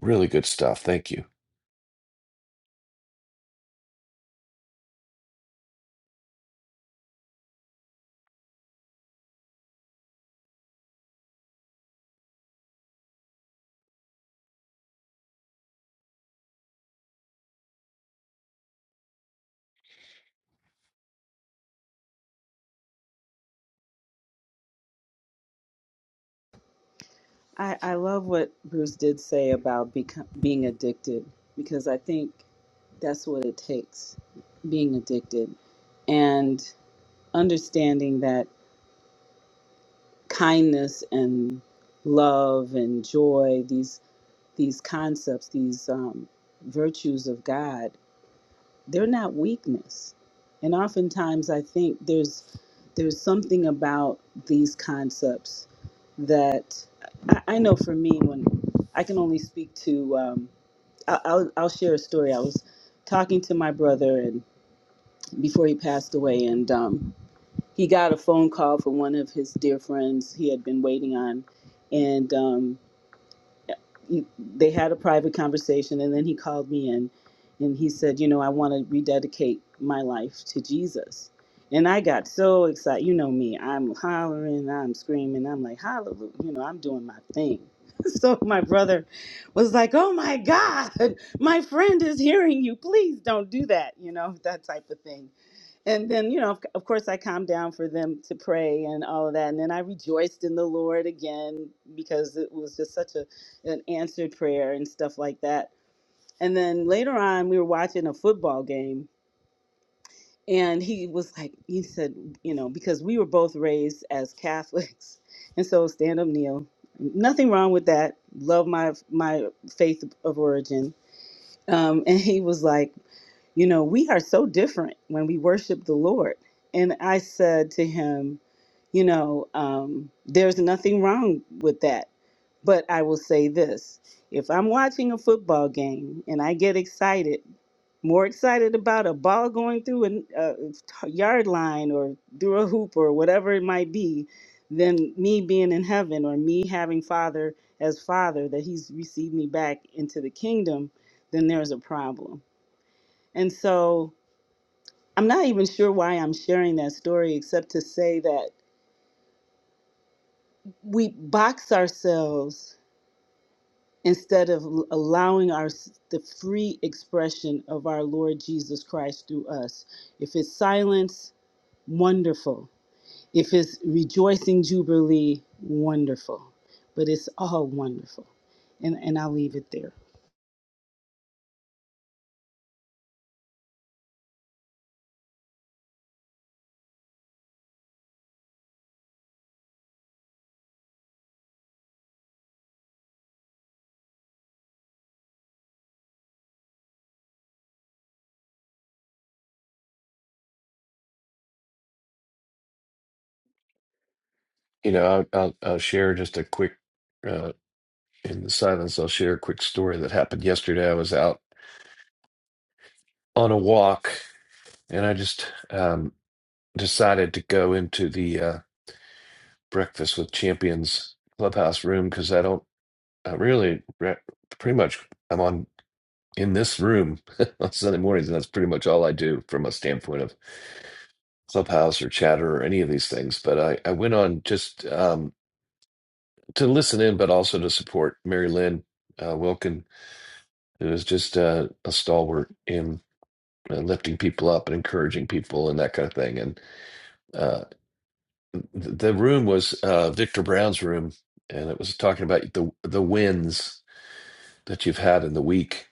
[SPEAKER 1] really good stuff. Thank you.
[SPEAKER 6] I, I love what Bruce did say about become, being addicted because I think that's what it takes being addicted and understanding that kindness and love and joy these these concepts these um, virtues of God they're not weakness and oftentimes i think there's there's something about these concepts that i, I know for me when i can only speak to um, I, I'll, I'll share a story i was talking to my brother and before he passed away and um, he got a phone call from one of his dear friends he had been waiting on and um, he, they had a private conversation and then he called me in and he said, you know, I want to rededicate my life to Jesus. And I got so excited. You know me, I'm hollering, I'm screaming, I'm like, hallelujah, you know, I'm doing my thing. so my brother was like, oh my God, my friend is hearing you. Please don't do that, you know, that type of thing and then you know of, of course i calmed down for them to pray and all of that and then i rejoiced in the lord again because it was just such a an answered prayer and stuff like that and then later on we were watching a football game and he was like he said you know because we were both raised as catholics and so stand up kneel nothing wrong with that love my my faith of origin um, and he was like you know, we are so different when we worship the Lord. And I said to him, you know, um, there's nothing wrong with that. But I will say this if I'm watching a football game and I get excited, more excited about a ball going through an- a t- yard line or through a hoop or whatever it might be than me being in heaven or me having Father as Father, that He's received me back into the kingdom, then there's a problem. And so I'm not even sure why I'm sharing that story, except to say that we box ourselves instead of l- allowing our the free expression of our Lord Jesus Christ through us. If it's silence, wonderful. If it's rejoicing jubilee, wonderful. But it's all wonderful, and and I'll leave it there.
[SPEAKER 1] You know, I'll, I'll, I'll share just a quick. in the silence, I'll share a quick story that happened yesterday. I was out on a walk and I just um, decided to go into the uh, Breakfast with Champions clubhouse room because I don't I really re- pretty much I'm on in this room on Sunday mornings, and that's pretty much all I do from a standpoint of clubhouse or chatter or any of these things. But I, I went on just um, to listen in, but also to support Mary Lynn uh, Wilkin, who is just uh, a stalwart in. and lifting people up and encouraging people and that kind of thing. And uh, the room was uh, Victor Brown's room, and it was talking about the the wins that you've had in the week.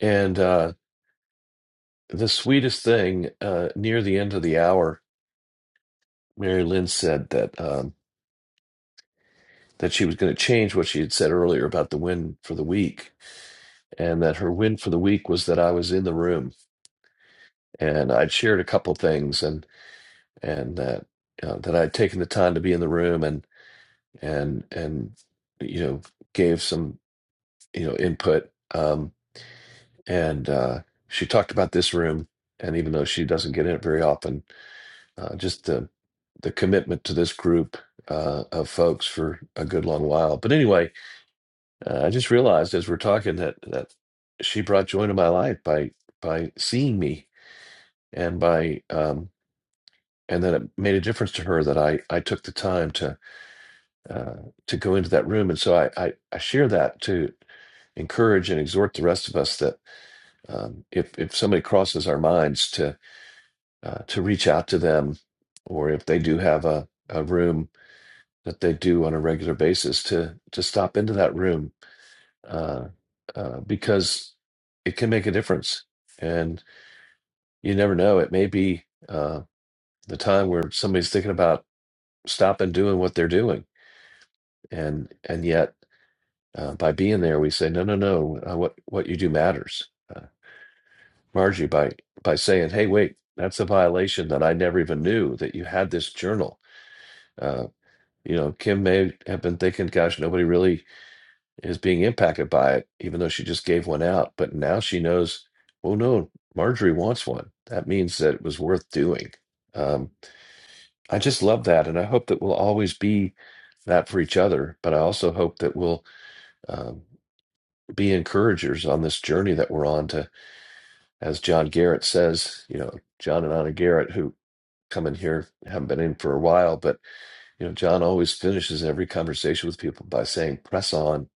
[SPEAKER 1] And uh, the sweetest thing uh, near the end of the hour, Mary Lynn said that um, that she was going to change what she had said earlier about the win for the week, and that her win for the week was that I was in the room and I'd shared a couple things and and that. Uh, that I'd taken the time to be in the room and. and and you know gave some you know input um and uh she talked about this room and even though she doesn't get in it very often uh just the the commitment to this group uh of folks for a good long while but anyway uh, i just realized as we're talking that that she brought joy to my life by by seeing me and by um and that it made a difference to her that i i took the time to uh to go into that room and so i i, I share that too encourage and exhort the rest of us that um, if if somebody crosses our minds to uh, to reach out to them, or if they do have a, a room that they do on a regular basis, to to stop into that room uh, uh, because it can make a difference, and you never know. It may be uh, the time where somebody's thinking about stopping doing what they're doing, and and yet. Uh, by being there, we say, no, no, no. Uh, what what you do matters, Uh, Margie by by saying, "Hey, wait, that's a violation that I never even knew that you had this journal." Uh, you know, Kim may have been thinking, "Gosh, nobody really is being impacted by it," even though she just gave one out. But now she knows. Oh no, Marjorie wants one. That means that it was worth doing. Um, I just love that, and I hope that we'll always be that for each other. But I also hope that we'll um, be encouragers on this journey that we're on to, as John Garrett says, you know, John and Anna Garrett, who coming here, haven't been in for a while, but you know, John always finishes every conversation with people by saying, "Press on,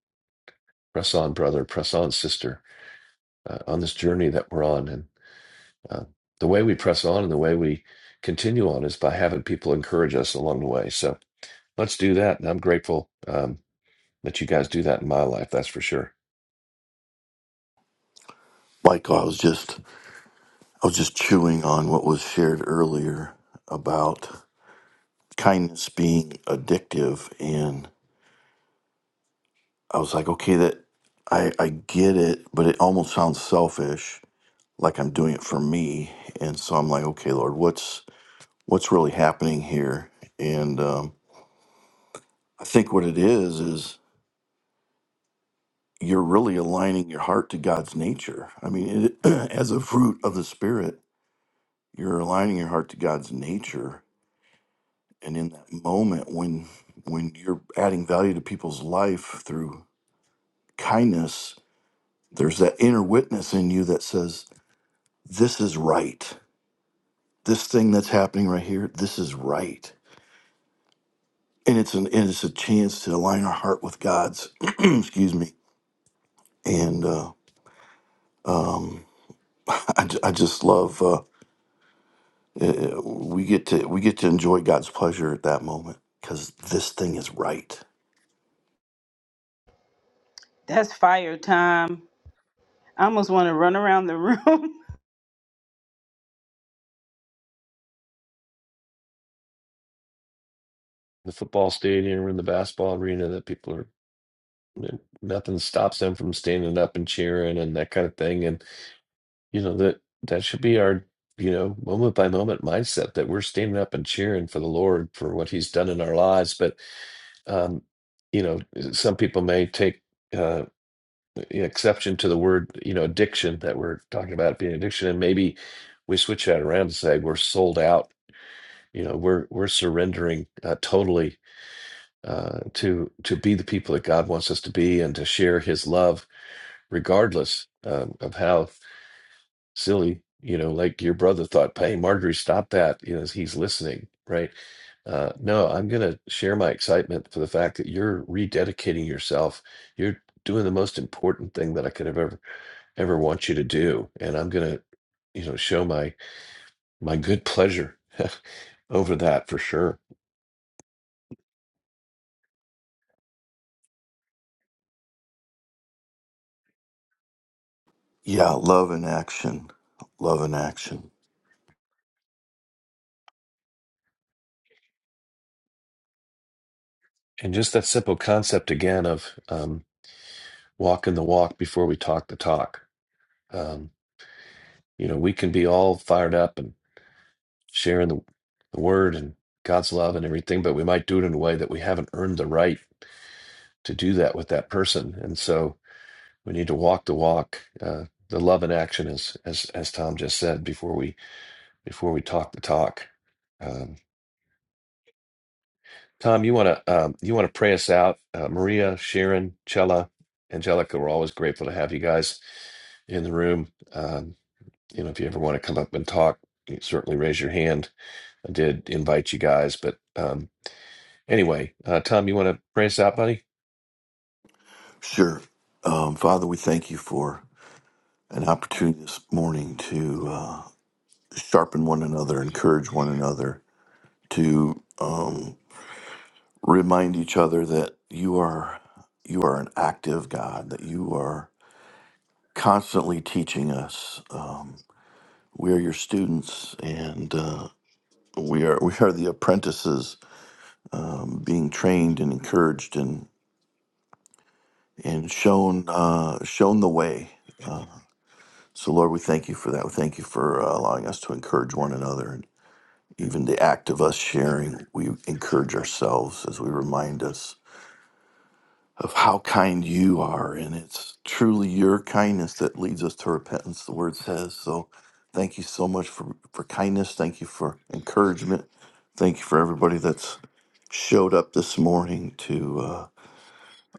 [SPEAKER 1] press on, brother, press on, sister, uh, on this journey that we're on." And uh, the way we press on and the way we continue on is by having people encourage us along the way. So let's do that, and I'm grateful um, that you guys do that in my life. That's for sure.
[SPEAKER 3] michael i was just i was just chewing on what was shared earlier about kindness being addictive and i was like okay that i i get it but it almost sounds selfish like I'm doing it for me. And so I'm like, okay, Lord, what's what's really happening here? And um, I think what it is is you're really aligning your heart to God's nature. I mean, it, as a fruit of the Spirit, you're aligning your heart to God's nature. And in that moment, when when you're adding value to people's life through kindness, there's that inner witness in you that says, "This is right. This thing that's happening right here, this is right." and it's an and it's a chance to align our heart with God's. excuse me. And uh, I, ju- I just love uh, uh, we get to we get to enjoy God's pleasure at that moment because this thing is right.
[SPEAKER 6] That's fire time. I almost want to run around the room.
[SPEAKER 1] The football stadium or in the basketball arena that people are N- Nothing stops them from standing up and cheering and that kind of thing. And you know that that should be our you know moment by moment mindset that we're standing up and cheering for the Lord for what He's done in our lives. But um, you know, some people may take uh, exception to the word you know addiction that we're talking about being addiction, and maybe we switch that around and say we're sold out. You know, we're we're surrendering uh, totally uh, to to be the people that God wants us to be and to share His love regardless um, of how silly, you know, like your brother thought, hey, Marjorie, stop that, you know, he's listening, right? Uh, no, I'm going to share my excitement for the fact that you're rededicating yourself. You're doing the most important thing that I could have ever, ever want you to do. And I'm going to, you know, show my, my good pleasure over that for sure.
[SPEAKER 3] Yeah, love in action, love in action.
[SPEAKER 1] And just that simple concept again of um, walking the walk before we talk the talk. Um, you know, we can be all fired up and sharing the, the word and God's love and everything, but we might do it in a way that we haven't earned the right to do that with that person. And so we need to walk the walk, uh, the love in action, as as as Tom just said before we before we talk the talk. Um, Tom, you want to um, you want to pray us out? Uh, Maria, Sharon, Chella, Angelica, we're always grateful to have you guys in the room. Um, you know, if you ever want to come up and talk, you certainly raise your hand. I did invite you guys, but um, anyway, uh, Tom, you want to pray us out, buddy?
[SPEAKER 3] Sure, um, Father, we thank you for an opportunity this morning to uh, sharpen one another, encourage one another, to um, remind each other that you are you are an active God, that you are constantly teaching us. Um, we are your students, and uh, we are we are the apprentices, um, being trained and encouraged and and shown uh, shown the way. So, Lord, we thank you for that. We thank you for uh, allowing us to encourage one another, and even the act of us sharing, we encourage ourselves as we remind us of how kind you are. And it's truly your kindness that leads us to repentance, the word says. So thank you so much for, for kindness. Thank you for encouragement. Thank you for everybody that's showed up this morning to uh,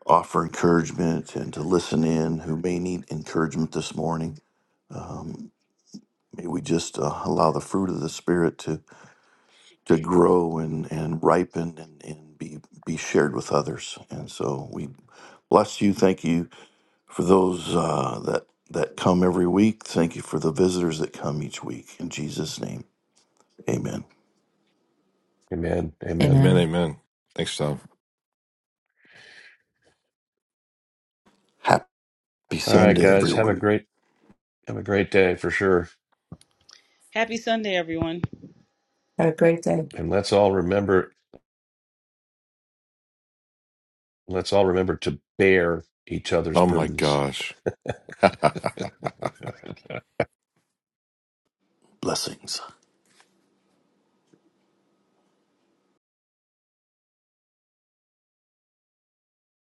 [SPEAKER 3] offer encouragement and to listen in who may need encouragement this morning. Um, may we just uh, allow the fruit of the Spirit to, to grow and, and ripen and, and be, be shared with others. And so we bless you. Thank you For those uh, that that come every week, thank you for the visitors that come each week. In Jesus' name, Amen.
[SPEAKER 1] Amen. Amen.
[SPEAKER 2] amen,
[SPEAKER 8] Amen.
[SPEAKER 2] amen. Thanks, Tom.
[SPEAKER 3] Happy
[SPEAKER 1] All right,
[SPEAKER 3] Sunday,
[SPEAKER 1] guys, have a
[SPEAKER 3] everyone.
[SPEAKER 1] great have a great day for sure,
[SPEAKER 6] Happy Sunday, everyone.
[SPEAKER 8] Have a great day.
[SPEAKER 1] and let's all remember Let's all remember to bear each other's
[SPEAKER 2] Oh my
[SPEAKER 1] burdens.
[SPEAKER 2] gosh.
[SPEAKER 3] Blessings.